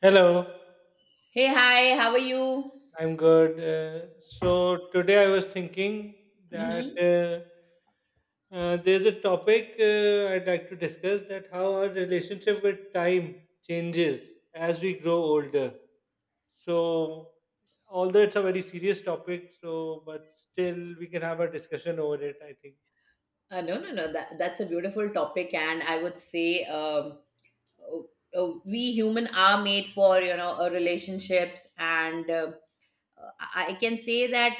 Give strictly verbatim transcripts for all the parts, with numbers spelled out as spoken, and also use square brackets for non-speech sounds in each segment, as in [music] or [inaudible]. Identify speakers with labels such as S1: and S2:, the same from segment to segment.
S1: Hello,
S2: Hey, hi, how are you?
S1: I'm good. Uh, so today I was thinking that
S2: Mm-hmm.
S1: uh, uh, there's a topic uh, I'd like to discuss, that how our relationship with time changes as we grow older. So although it's a very serious topic, so but still we can have a discussion over it, I think.
S2: Uh, no, no, no, that, that's a beautiful topic, and I would say, um, oh, oh, we human are made for you know uh, relationships, and uh, I I can say that,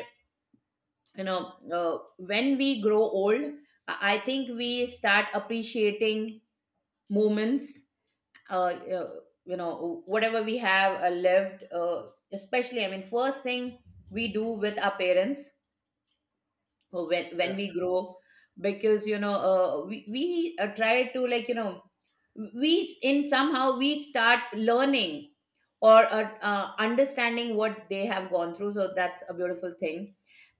S2: you know uh, when we grow old, I I think we start appreciating moments, uh, uh, you know, whatever we have uh, lived, uh, especially, I mean, first thing we do with our parents. So, when
S1: Yeah.
S2: when we grow, because you know uh, we, we uh, try to, like, you know we in somehow we start learning or uh, uh, understanding what they have gone through. So that's a beautiful thing,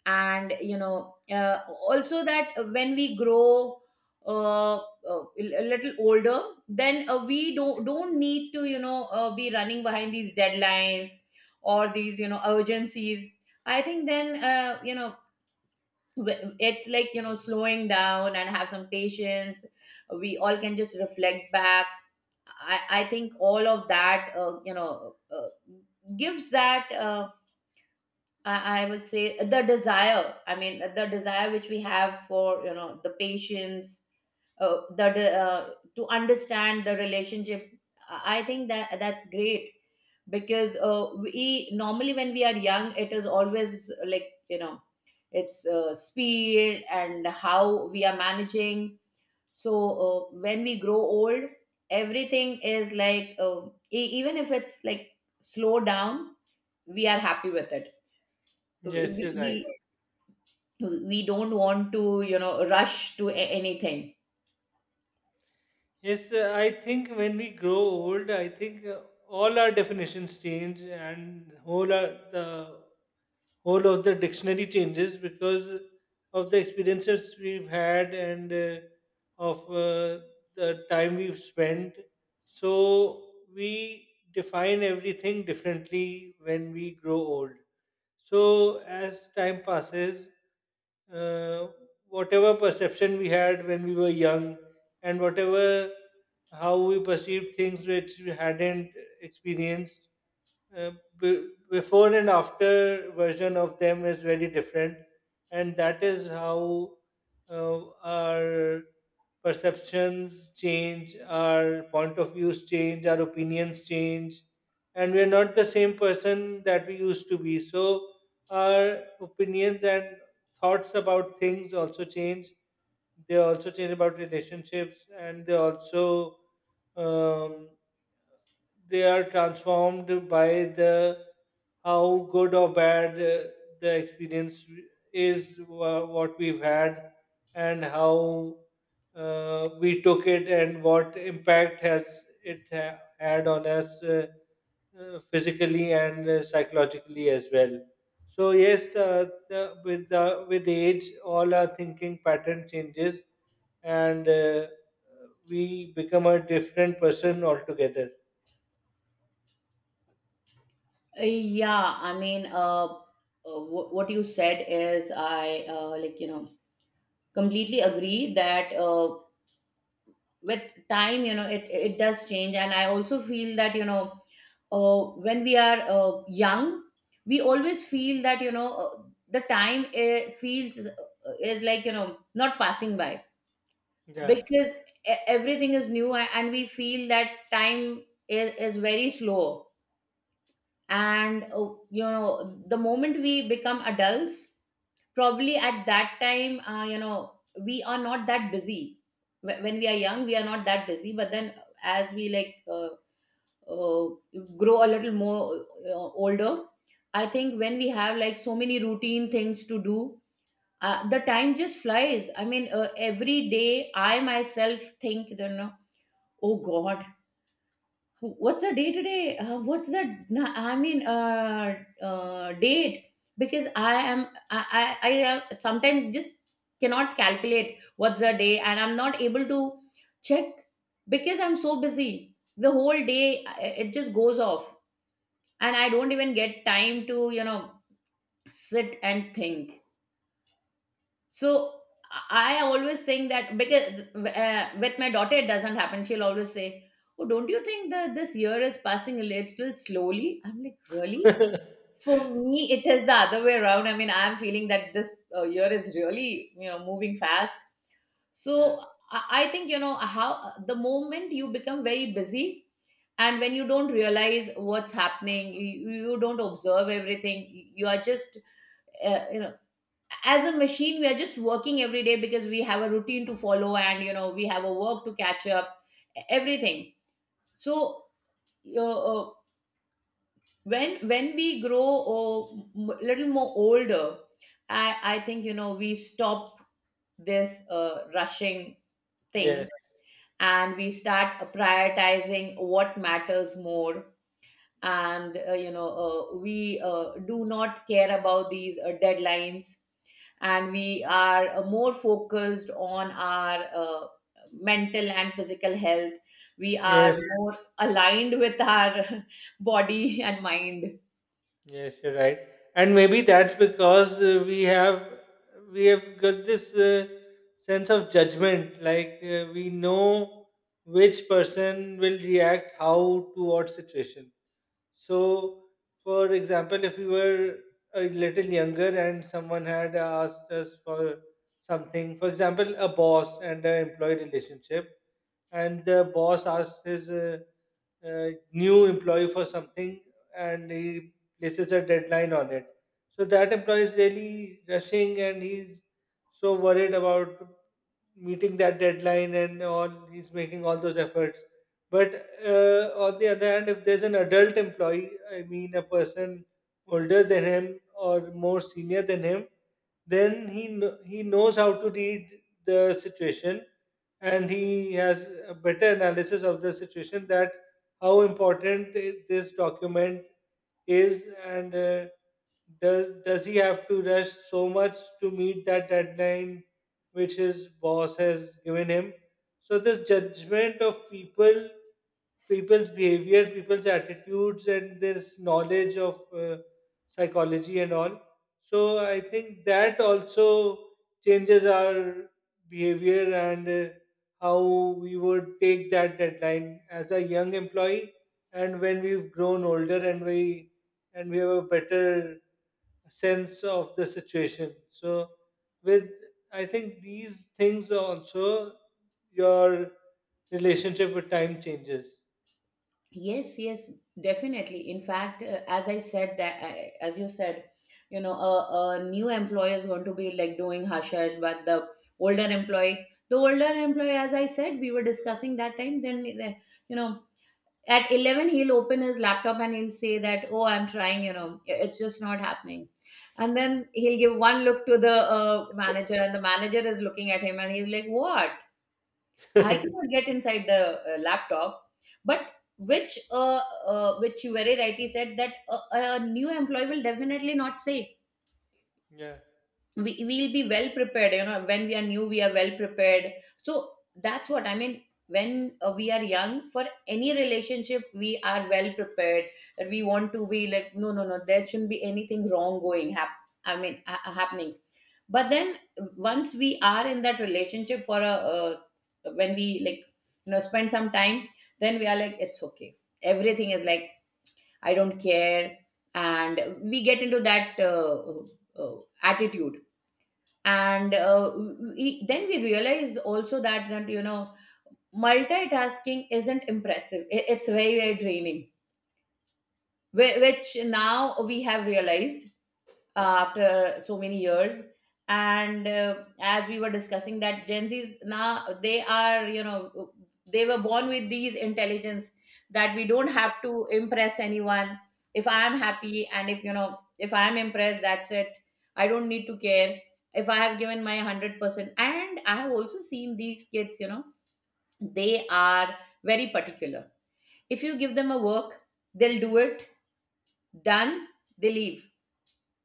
S2: and you know uh, also that when we grow uh, uh, a little older, then uh, we don't don't need to, you know uh, be running behind these deadlines, or these, you know urgencies. I think then, uh, you know wh- it's like, you know slowing down and have some patience. We all can just reflect back. I, I think all of that, uh, you know uh, gives that, uh, I, I would say the desire, I mean, the desire which we have for, you know the patience, uh, the de- uh, to understand the relationship. I I think that that's great, because uh, we normally, when we are young, it is always, uh, like, you know it's, uh, speed and how we are managing. So uh, when we grow old, everything is like, uh, e- even if it's like slow down, we are happy with it. we,
S1: Yes, you're
S2: we,
S1: right.
S2: we we don't want to, you know rush to a- anything.
S1: Yes, uh, I think when we grow old, I think uh, all our definitions change, and whole our, the whole of the dictionary changes because of the experiences we've had, and uh, of uh, the time we've spent. So we define everything differently when we grow old. So as time passes, uh, whatever perception we had when we were young, and whatever, how we perceived things which we hadn't experienced, uh, b- before and after version of them is very different, and that is how uh, our perceptions change, our point of views change, our opinions change, and we are not the same person that we used to be. So our opinions and thoughts about things also change, they also change about relationships, and they also, um, they are transformed by the, how good or bad uh, the experience is, wha- what we've had, and how uh, we took it and what impact has it ha- had on us, uh, uh, physically and uh, psychologically as well. So yes, uh, the, with the, with age all our thinking pattern changes and uh, we become a different person altogether.
S2: Uh, yeah, I mean, uh, uh, wh- what you said is, I uh, like, you know completely agree that, uh, with time, you know it it does change. And I also feel that, you know uh, when we are uh, young, we always feel that, you know uh, the time uh, feels uh, is like, you know not passing by,
S1: Yeah.
S2: because e- everything is new, a- and we feel that time is, is very slow. And uh, you know the moment we become adults, probably at that time, uh, you know we are not that busy. Wh- when we are young, we are not that busy, but then, as we, like, uh, uh, grow a little more uh, older, I think when we have, like, so many routine things to do, uh, the time just flies. I mean, uh, every day I myself think, you know oh god, what's the day to day, uh, what's the na- I mean, uh, uh date, because i am i i, I am sometimes just cannot calculate what's the day, and I'm not able to check, because I'm so busy the whole day. Uh, it just goes off, and I don't even get time to, you know sit and think. So I always think that, because uh, with my daughter, it doesn't happen. She'll always say, "Oh, don't you think that this year is passing a little slowly?" I'm like,
S1: [laughs]
S2: "Really?"
S1: Yeah.
S2: For me, it is the other way around. I mean, I'm feeling that this uh, year is really, you know moving fast. So I I think, you know how the moment you become very busy, and when you don't realize what's happening, you, you don't observe everything. You are just, uh, you know as a machine we are just working every day, because we have a routine to follow, and, you know we have a work to catch up, e-, everything. So uh, uh, when when we grow a little more older, i i think, you know we stop this, uh, rushing
S1: Yes.
S2: thing, and we start prioritizing what matters more. And, uh, you know uh, we uh, do not care about these uh, deadlines, and we are uh, more focused on our uh, mental and physical health. We are
S1: Yes.
S2: more aligned with our [laughs] body and mind.
S1: Yes, you're right. And maybe that's because uh, we have we have got this uh, sense of judgment, like uh, we know which person will react how to what situation. So, for example, if we were a little younger and someone had asked us for something, for example, a boss and an employee relationship, and the boss asks his uh, uh, new employee for something and he places a deadline on it. So that employee is really rushing and he's so worried about meeting that deadline and all. He's making all those efforts. But uh, on the other hand, if there's an adult employee, I mean a person older than him or more senior than him, then he kn- he knows how to read the situation, and he has a better analysis of the situation, that how important i- this document is, and uh, does does he have to rush so much to meet that deadline which his boss has given him. So this judgment of people, people's behavior, people's attitudes, and this knowledge of uh, psychology and all, so I think that also changes our behavior and uh, how we would take that deadline as a young employee, and when we've grown older and we and we have a better sense of the situation, so with I think these things also, your relationship with time changes.
S2: Yes, yes, definitely. In fact, uh, as I said that, I- as you said, you know, a, a new employee is going to be like doing hush hush, but the older employee, the older employee, as I said, we were discussing that time. Then, the- you know, at eleven, he'll open his laptop, and he'll say that, "Oh, I'm trying," you know, it's just not happening. And then he'll give one look to the uh, manager, and the manager is looking at him, and he's like, "What?"
S1: [laughs]
S2: I cannot get inside the uh, laptop, but which, uh, uh, which you very rightly said, that a, a new employee will definitely not say,
S1: Yeah,
S2: we will be well prepared. You know, when we are new, we are well prepared. So that's what I mean. When uh, we are young, for any relationship, we are well prepared. That we want to be like, no, no, no. There shouldn't be anything wrong going. Hap- I mean, ha- happening, but then once we are in that relationship for a uh, when we, like, you know spend some time, then we are like, it's okay, everything is like, I don't care, and we get into that uh, uh, attitude. And uh, we, then we realize also that that you know multitasking isn't impressive. I- it's very, very draining. Whi- which now we have realized, uh, after so many years. And uh, as we were discussing, that gen Z's now, they are, you know they were born with these intelligence, that we don't have to impress anyone. If I am happy, and if you know if I am impressed, that's it. I don't need to care if I have given my one hundred percent. And I have also seen these kids, you know they are very particular. If you give them a work, they'll do it. Done. They leave.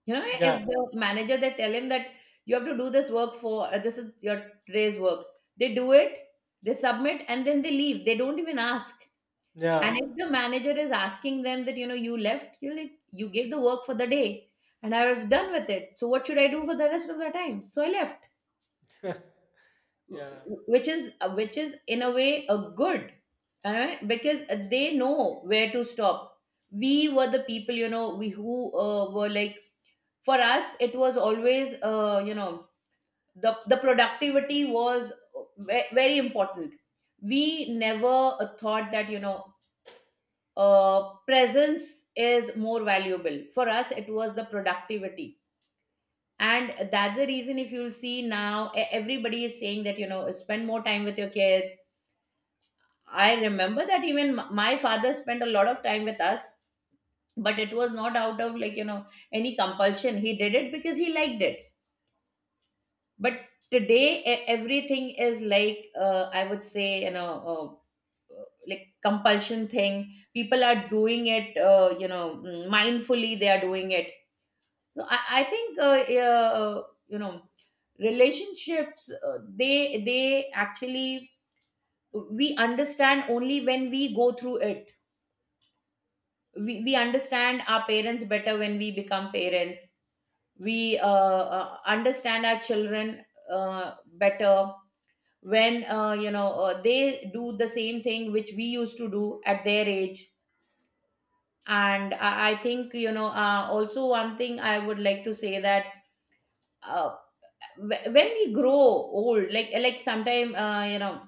S2: you know, If
S1: yeah,
S2: the manager, they tell him that, you have to do this work, for uh, this is your today's work, they do it, they submit, and then they leave. They don't even ask. And
S1: yeah,
S2: if the manager is asking them that, you know you left, you're like, you gave the work for the day, and I was done with it. So what should I do for the rest of the time? So I left.
S1: yeah.
S2: Wh- which is uh, which is, in a way, a good, alright, because uh, they know where to stop. We were the people, you know, we who uh, were like, for us it was always, uh, you know the the productivity was ve- very important. We never uh, thought that, you know uh, presence is more valuable. For us, it was the productivity. And that's the reason, if you'll see now, e- everybody is saying that, you know spend more time with your kids. I remember that even m- my father spent a lot of time with us, but it was not out of, like, you know any compulsion. He did it because he liked it. But today, e- everything is like, uh, I would say, you know uh, uh, like, compulsion thing, people are doing it, uh, you know mm, mindfully they are doing it. So i, I think, uh, yeah, uh, you know relationships, uh, they they actually, we understand only when we go through it. We, we understand our parents better when we become parents. We uh, uh, understand our children uh, better, when uh, you know uh, they do the same thing which we used to do at their age. And i, I think, you know uh, also, one thing I would like to say, that uh, wh- when we grow old, like like sometime, uh, you know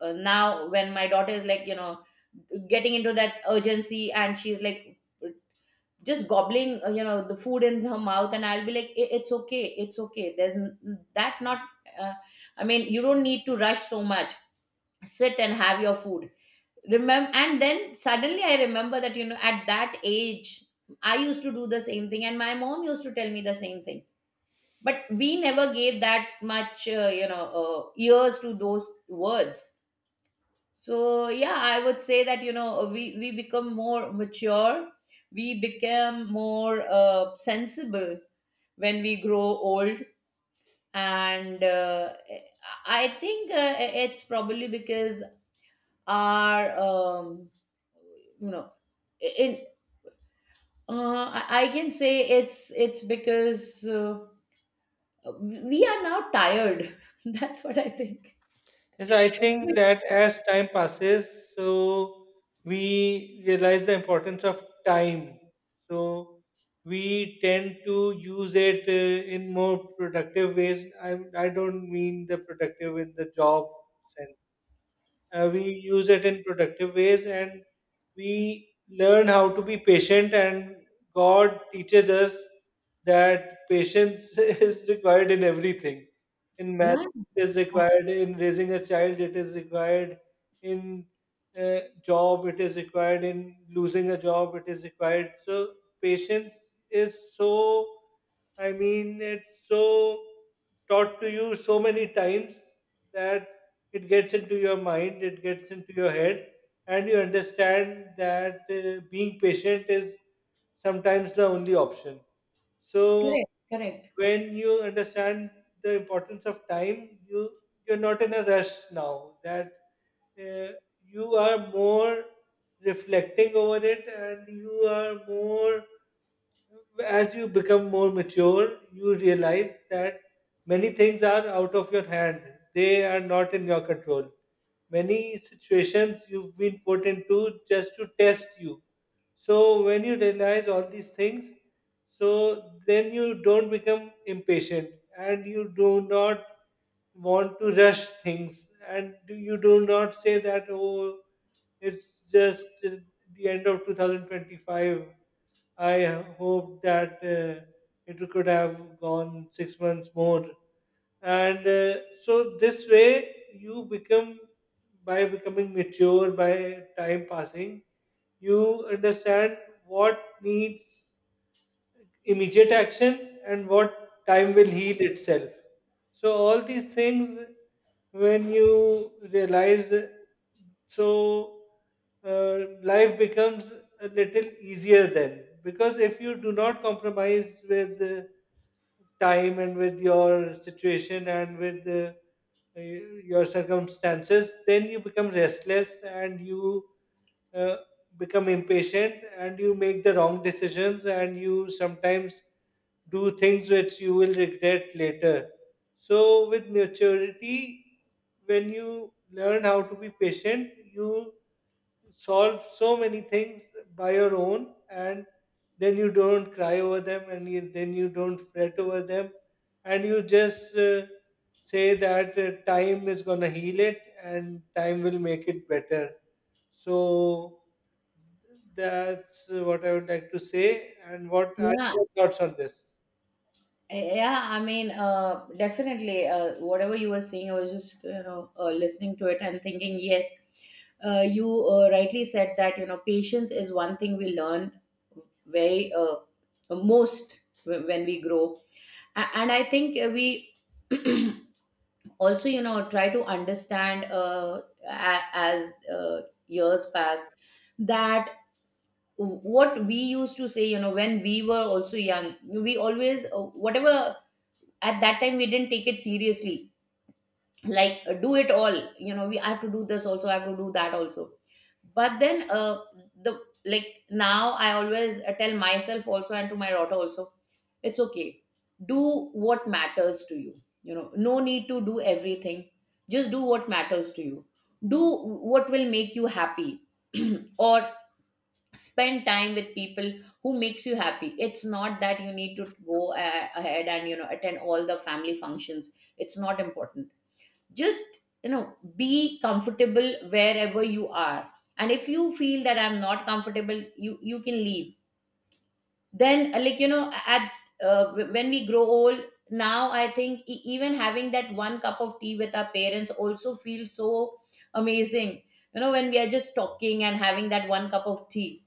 S2: uh, now when my daughter is like, you know getting into that urgency, and she's like just gobbling, uh, you know the food in her mouth, and I'll be like, "I- It's okay, it's okay, there's n- that not, uh, I mean, you don't need to rush so much. Sit and have your food, remember." And then suddenly I remember that, you know at that age, I used to do the same thing, and my mom used to tell me the same thing, but we never gave that much, uh, you know uh, ears to those words. So yeah, I would say that, you know uh, we we become more mature. We become more uh, sensible when we grow old. And uh, i I think, uh, it's probably because our, um, you know in, Uh, I I can say, it's it's because uh, we are now tired. [laughs] That's what I think.
S1: Yes, I think that as time passes, so we realize the importance of time. So we tend to use it uh, in more productive ways. I, I don't mean the productive in the job sense. Uh, we use it in productive ways, and we learn how to be patient, and god teaches us that patience [laughs] is required in everything, in
S2: Yeah,
S1: marriage it is required, in raising a child it is required, in uh, job it is required, in losing a job it is required. So patience is so, I mean, it's so taught to you so many times that it gets into your mind, it gets into your head, and you understand that uh, being patient is sometimes the only option. So
S2: correct, correct.
S1: when you understand the importance of time, you, you're not in a rush now. That uh, you are more reflecting over it, and you are more, as you become more mature, you realize that many things are out of your hand. They are not in your control. Many situations you've been put into just to test you. So when you realize all these things, so then you don't become impatient, and you do not want to rush things and do- you do not say that, oh, it's just uh, the end of twenty twenty-five. I hope that uh, it could have gone six months more. And uh, so this way, you become, by becoming mature, by time passing, you understand what needs immediate action and what time will heal itself. So, all these things, when you realize, so uh, life becomes a little easier then. Because if you do not compromise with uh, time and with your situation and with uh, y- your circumstances, then you become restless, and you uh, become impatient and you make the wrong decisions, and you sometimes do things which you will regret later. So, with maturity, when you learn how to be patient, you solve so many things by your own, and then you don't cry over them, and you, then you don't fret over them, and you just uh, say that uh, time is going to heal it and time will make it better. So that's uh, what I would like to say, and what are
S2: Yeah,
S1: your thoughts on this?
S2: eh, yeah. I mean, uh, definitely. Uh, whatever you were saying, I was just you know uh, listening to it and thinking, yes, uh, you uh, rightly said that you know patience is one thing we learn very uh, most wh- when we grow. A- and I think uh, we also you know try to understand uh, a- as uh, years pass, that what we used to say, you know, when we were also young, we always, uh, whatever, at that time we didn't take it seriously, like, uh, do it all, you know, we I have to do this also, I have to do that also. But then uh, the like now I always uh, tell myself also and to my daughter also, it's okay. Do what matters to you, you know. No need to do everything. Just do what matters to you. Do what will make you happy. [clears throat] Or spend time with people who makes you happy. It's not that you need to go uh, ahead and you know attend all the family functions. It's not important. Just you know be comfortable wherever you are. And if you feel that I'm not comfortable, you you can leave. Then uh, like you know at uh, wh- When we grow old, now I think e- even having that one cup of tea with our parents also feels so amazing. You know, when we are just talking and having that one cup of tea.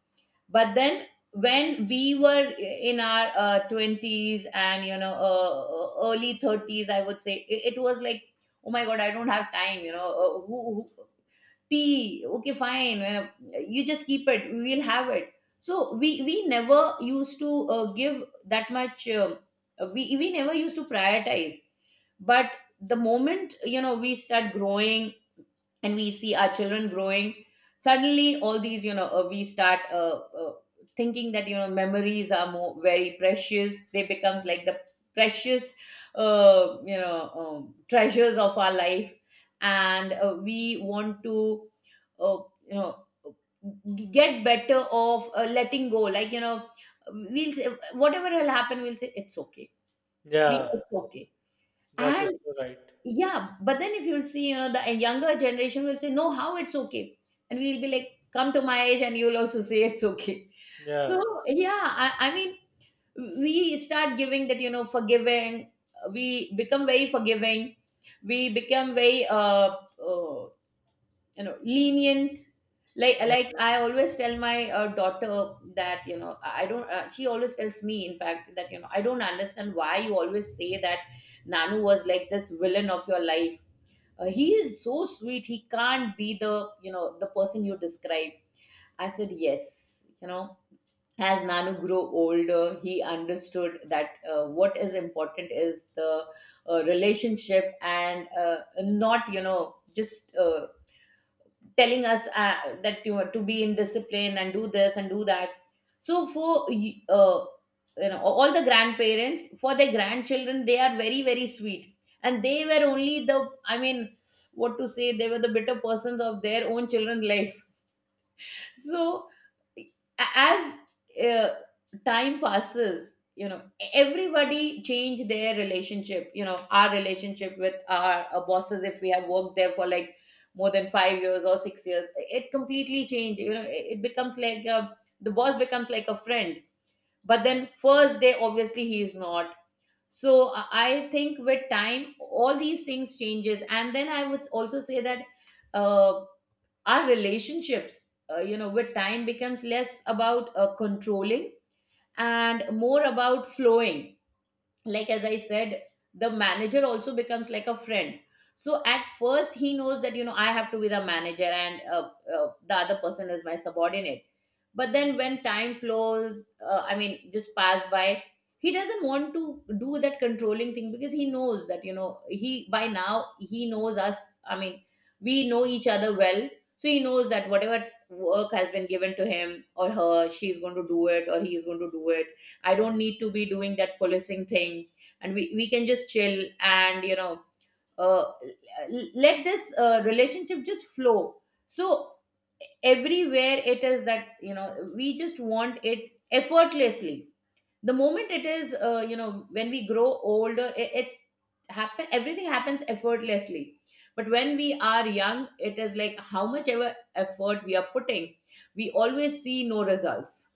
S2: But then when we were in our uh, twenties and you know uh, uh, early thirties, I would say it, it was like, oh my god, I don't have time, you know, uh, who, who, tea okay fine you, know, you just keep it, we'll have it. So we we never used to uh, give that much, um, we we never used to prioritize. But the moment you know we start growing and we see our children growing, suddenly all these, you know, uh, we start uh, uh, thinking that, you know, memories are more very precious. They becomes like the precious, uh, you know, um, treasures of our life. And uh, we want to uh, you know g- get better of uh, letting go, like you know we'll say whatever will happen, we'll say it's okay. we
S1: Yeah,
S2: It's okay.
S1: that is
S2: And
S1: so right.
S2: yeah, but then if you'll see, you know, the younger generation will say, no, how it's okay. And we'll be like, come to my age and you'll also say it's okay. [laughs] So,
S1: Yeah,
S2: yeah, I, I mean, we start giving that, you know, forgiving. We become very forgiving. We become very, uh, uh, you know, lenient. Like,
S1: yeah,
S2: like I always tell my uh, daughter that, you know, I I don't, uh, she always tells me, in fact, that, you know, I don't understand why you always say that Nanu was like this villain of your life. Uh, he is so sweet, he can't be the you know the person you described. I said, yes, you know, as Nanu grew older, he understood that uh, what is important is the uh, relationship and uh, not you know just uh, telling us uh, that you are to be in discipline and do this and do that. So for y- uh, you know, all the grandparents for their grandchildren, they are very very sweet, and they were only the, I mean, what to say, they were the bitter persons of their own children's life. So as uh, time passes, you know, everybody change their relationship. You know, our relationship with our, uh bosses, if we have worked there for like more than five years or six years, it completely changed. You know, it, it becomes like a, the boss becomes like a friend. But then first day, obviously, he is not. So i I think with time all these things changes. And then I would also say that uh, our relationships, uh, you know, with time becomes less about uh, controlling and more about flowing. Like, as I said, the manager also becomes like a friend. So at first he knows that, you know, I have to be the manager, and uh, uh, the other person is my subordinate. But then when time flows, uh, I mean, just pass by, he doesn't want to do that controlling thing, because he knows that, you know, he by now he knows us, I mean, we know each other well. So he knows that whatever work has been given to him or her, she's going to do it or he is going to do it. I don't need to be doing that policing thing. And we, we can just chill and, you know, uh, l- let this uh, relationship just flow. So everywhere it is that, you know, we just want it effortlessly. The moment it is, uh, you know, when we grow older, it, it happen, everything happens effortlessly. But when we are young, it is like how much ever effort we are putting, we always see no results.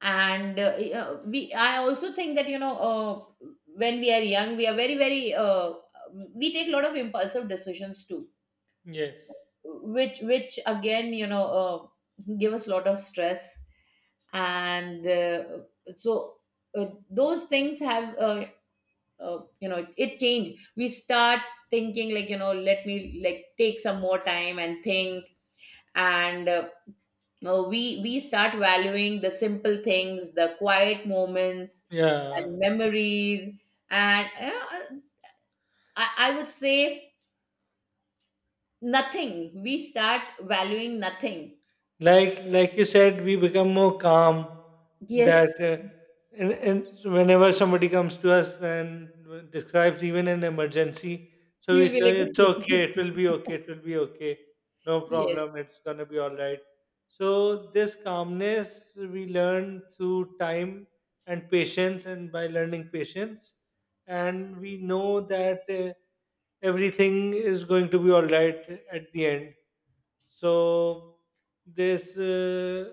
S2: And uh, uh, we I also think that, you know, uh, when we are young, we are very very, uh, we take a lot of impulsive decisions too,
S1: yes.
S2: which which again, you know, uh, give us a lot of stress. And uh, so uh, those things have, uh, uh, you know, it changed. We start thinking, like, you know, let me like take some more time and think. And uh, uh, we we start valuing the simple things, the quiet moments
S1: Yeah,
S2: and memories. And uh, I, I would say nothing. We start valuing nothing.
S1: like like you said, we become more calm.
S2: Yes,
S1: That uh, and, and so whenever somebody comes to us and describes even an emergency, so we
S2: you'll
S1: say
S2: be
S1: it's okay,
S2: like,
S1: it
S2: [laughs]
S1: will be okay, it will be okay, no
S2: yes.
S1: problem, it's gonna be all right. So this calmness we learn through time and patience, and by learning patience, and we know that uh, everything is going to be all right at the end. So this uh,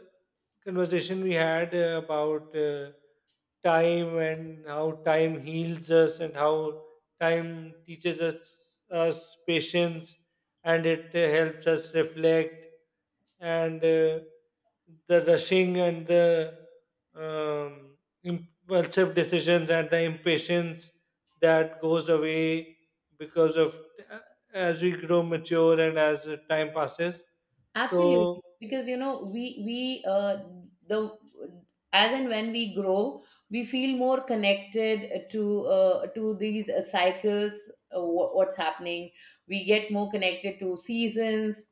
S1: conversation we had uh, about uh, time, and how time heals us and how time teaches us, us patience, and it uh, helps us reflect, and uh, the rushing and the, um, impulsive decisions and the impatience, that goes away because of, uh, as we grow mature and as the time passes. So,
S2: Absolutely, because you know we we uh, the as and when we grow, we feel more connected to uh, to these uh, cycles. Uh, wha- what's happening? We get more connected to seasons,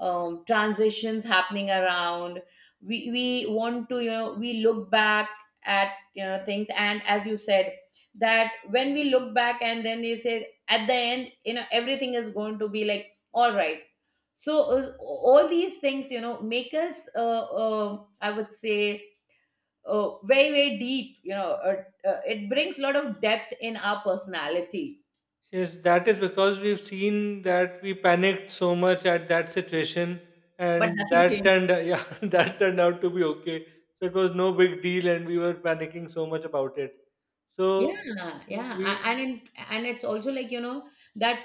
S2: um, transitions happening around. We we want to, you know, we look back at, you know, things, and as you said, that when we look back and then they say at the end, you know, everything is going to be like all right. So, uh, all these things, you know, make us, uh, uh, I would say, uh, very very deep, you know uh, uh, it brings a lot of depth in our personality.
S1: yes, that is because we've seen that we panicked so much at that situation,
S2: But
S1: and
S2: nothing
S1: that
S2: changes.
S1: turned, yeah, [laughs] that turned out to be okay. So it was no big deal, and we were panicking so much about it. So
S2: Yeah, yeah, a-
S1: we
S2: and it, and it's also like, you know, that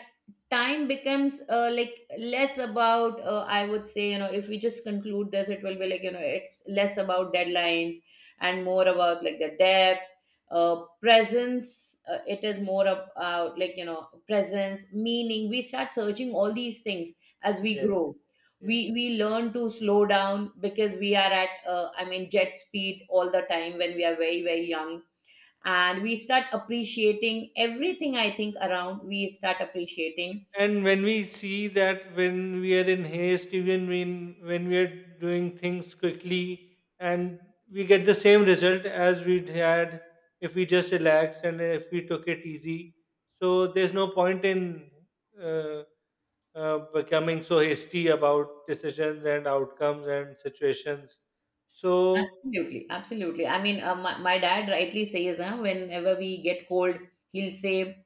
S2: time becomes, uh, like less about, uh, I would say, you know, if we just conclude this, it will be like, you know, it's less about deadlines and more about like the depth, uh, presence. Uh, it is more about like, you know, presence, meaning. We start searching all these things as we
S1: yes,
S2: grow. We
S1: yes,
S2: we learn to slow down because we are at, uh, I mean, jet speed all the time when we are very very young, and we start appreciating everything, I think, around. We start appreciating.
S1: and when we see that when we are in haste, even when when we are doing things quickly, and we get the same result as we'd had if we just relaxed and if we took it easy, so there's no point in uh, uh, becoming so hasty about decisions and outcomes and situations. So
S2: Absolutely, absolutely. I mean, uh, my, my dad rightly says, huh, whenever we get cold, he'll say,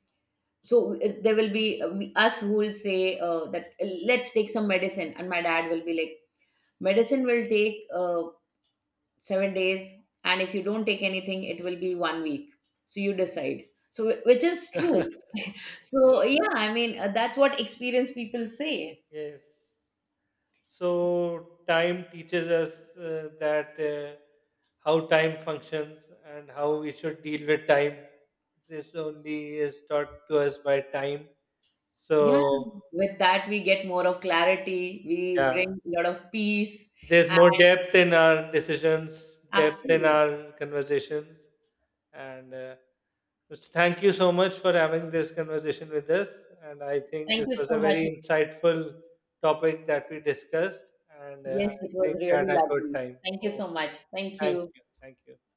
S2: so, uh, there will be, uh, we- us who will say, uh, that, uh, let's take some medicine, and my dad will be like, medicine will take, uh, seven days, and if you don't take anything, it will be one week, so you decide. So wh- which is true.
S1: [laughs]
S2: So
S1: yeah.
S2: yeah, I mean, uh, that's what experienced people say.
S1: Yes. So time teaches us uh, that uh, how time functions and how we should deal with time. This only is taught to us by time.
S2: Yeah,
S1: So
S2: with that we get more of clarity. We
S1: yeah.
S2: bring a lot of peace.
S1: There's more
S2: And
S1: depth in our decisions, depth in
S2: absolutely.
S1: our conversations, and uh, just thank you so much for having this conversation with us. And I think
S2: Thank
S1: this
S2: you
S1: was a
S2: so much.
S1: very insightful topic that we discussed, and uh,
S2: Yes,
S1: I
S2: it was
S1: think we had
S2: really
S1: a good
S2: lovely.
S1: time.
S2: Thank you so
S1: Okay,
S2: much. Thank
S1: thank
S2: you.
S1: you, thank you.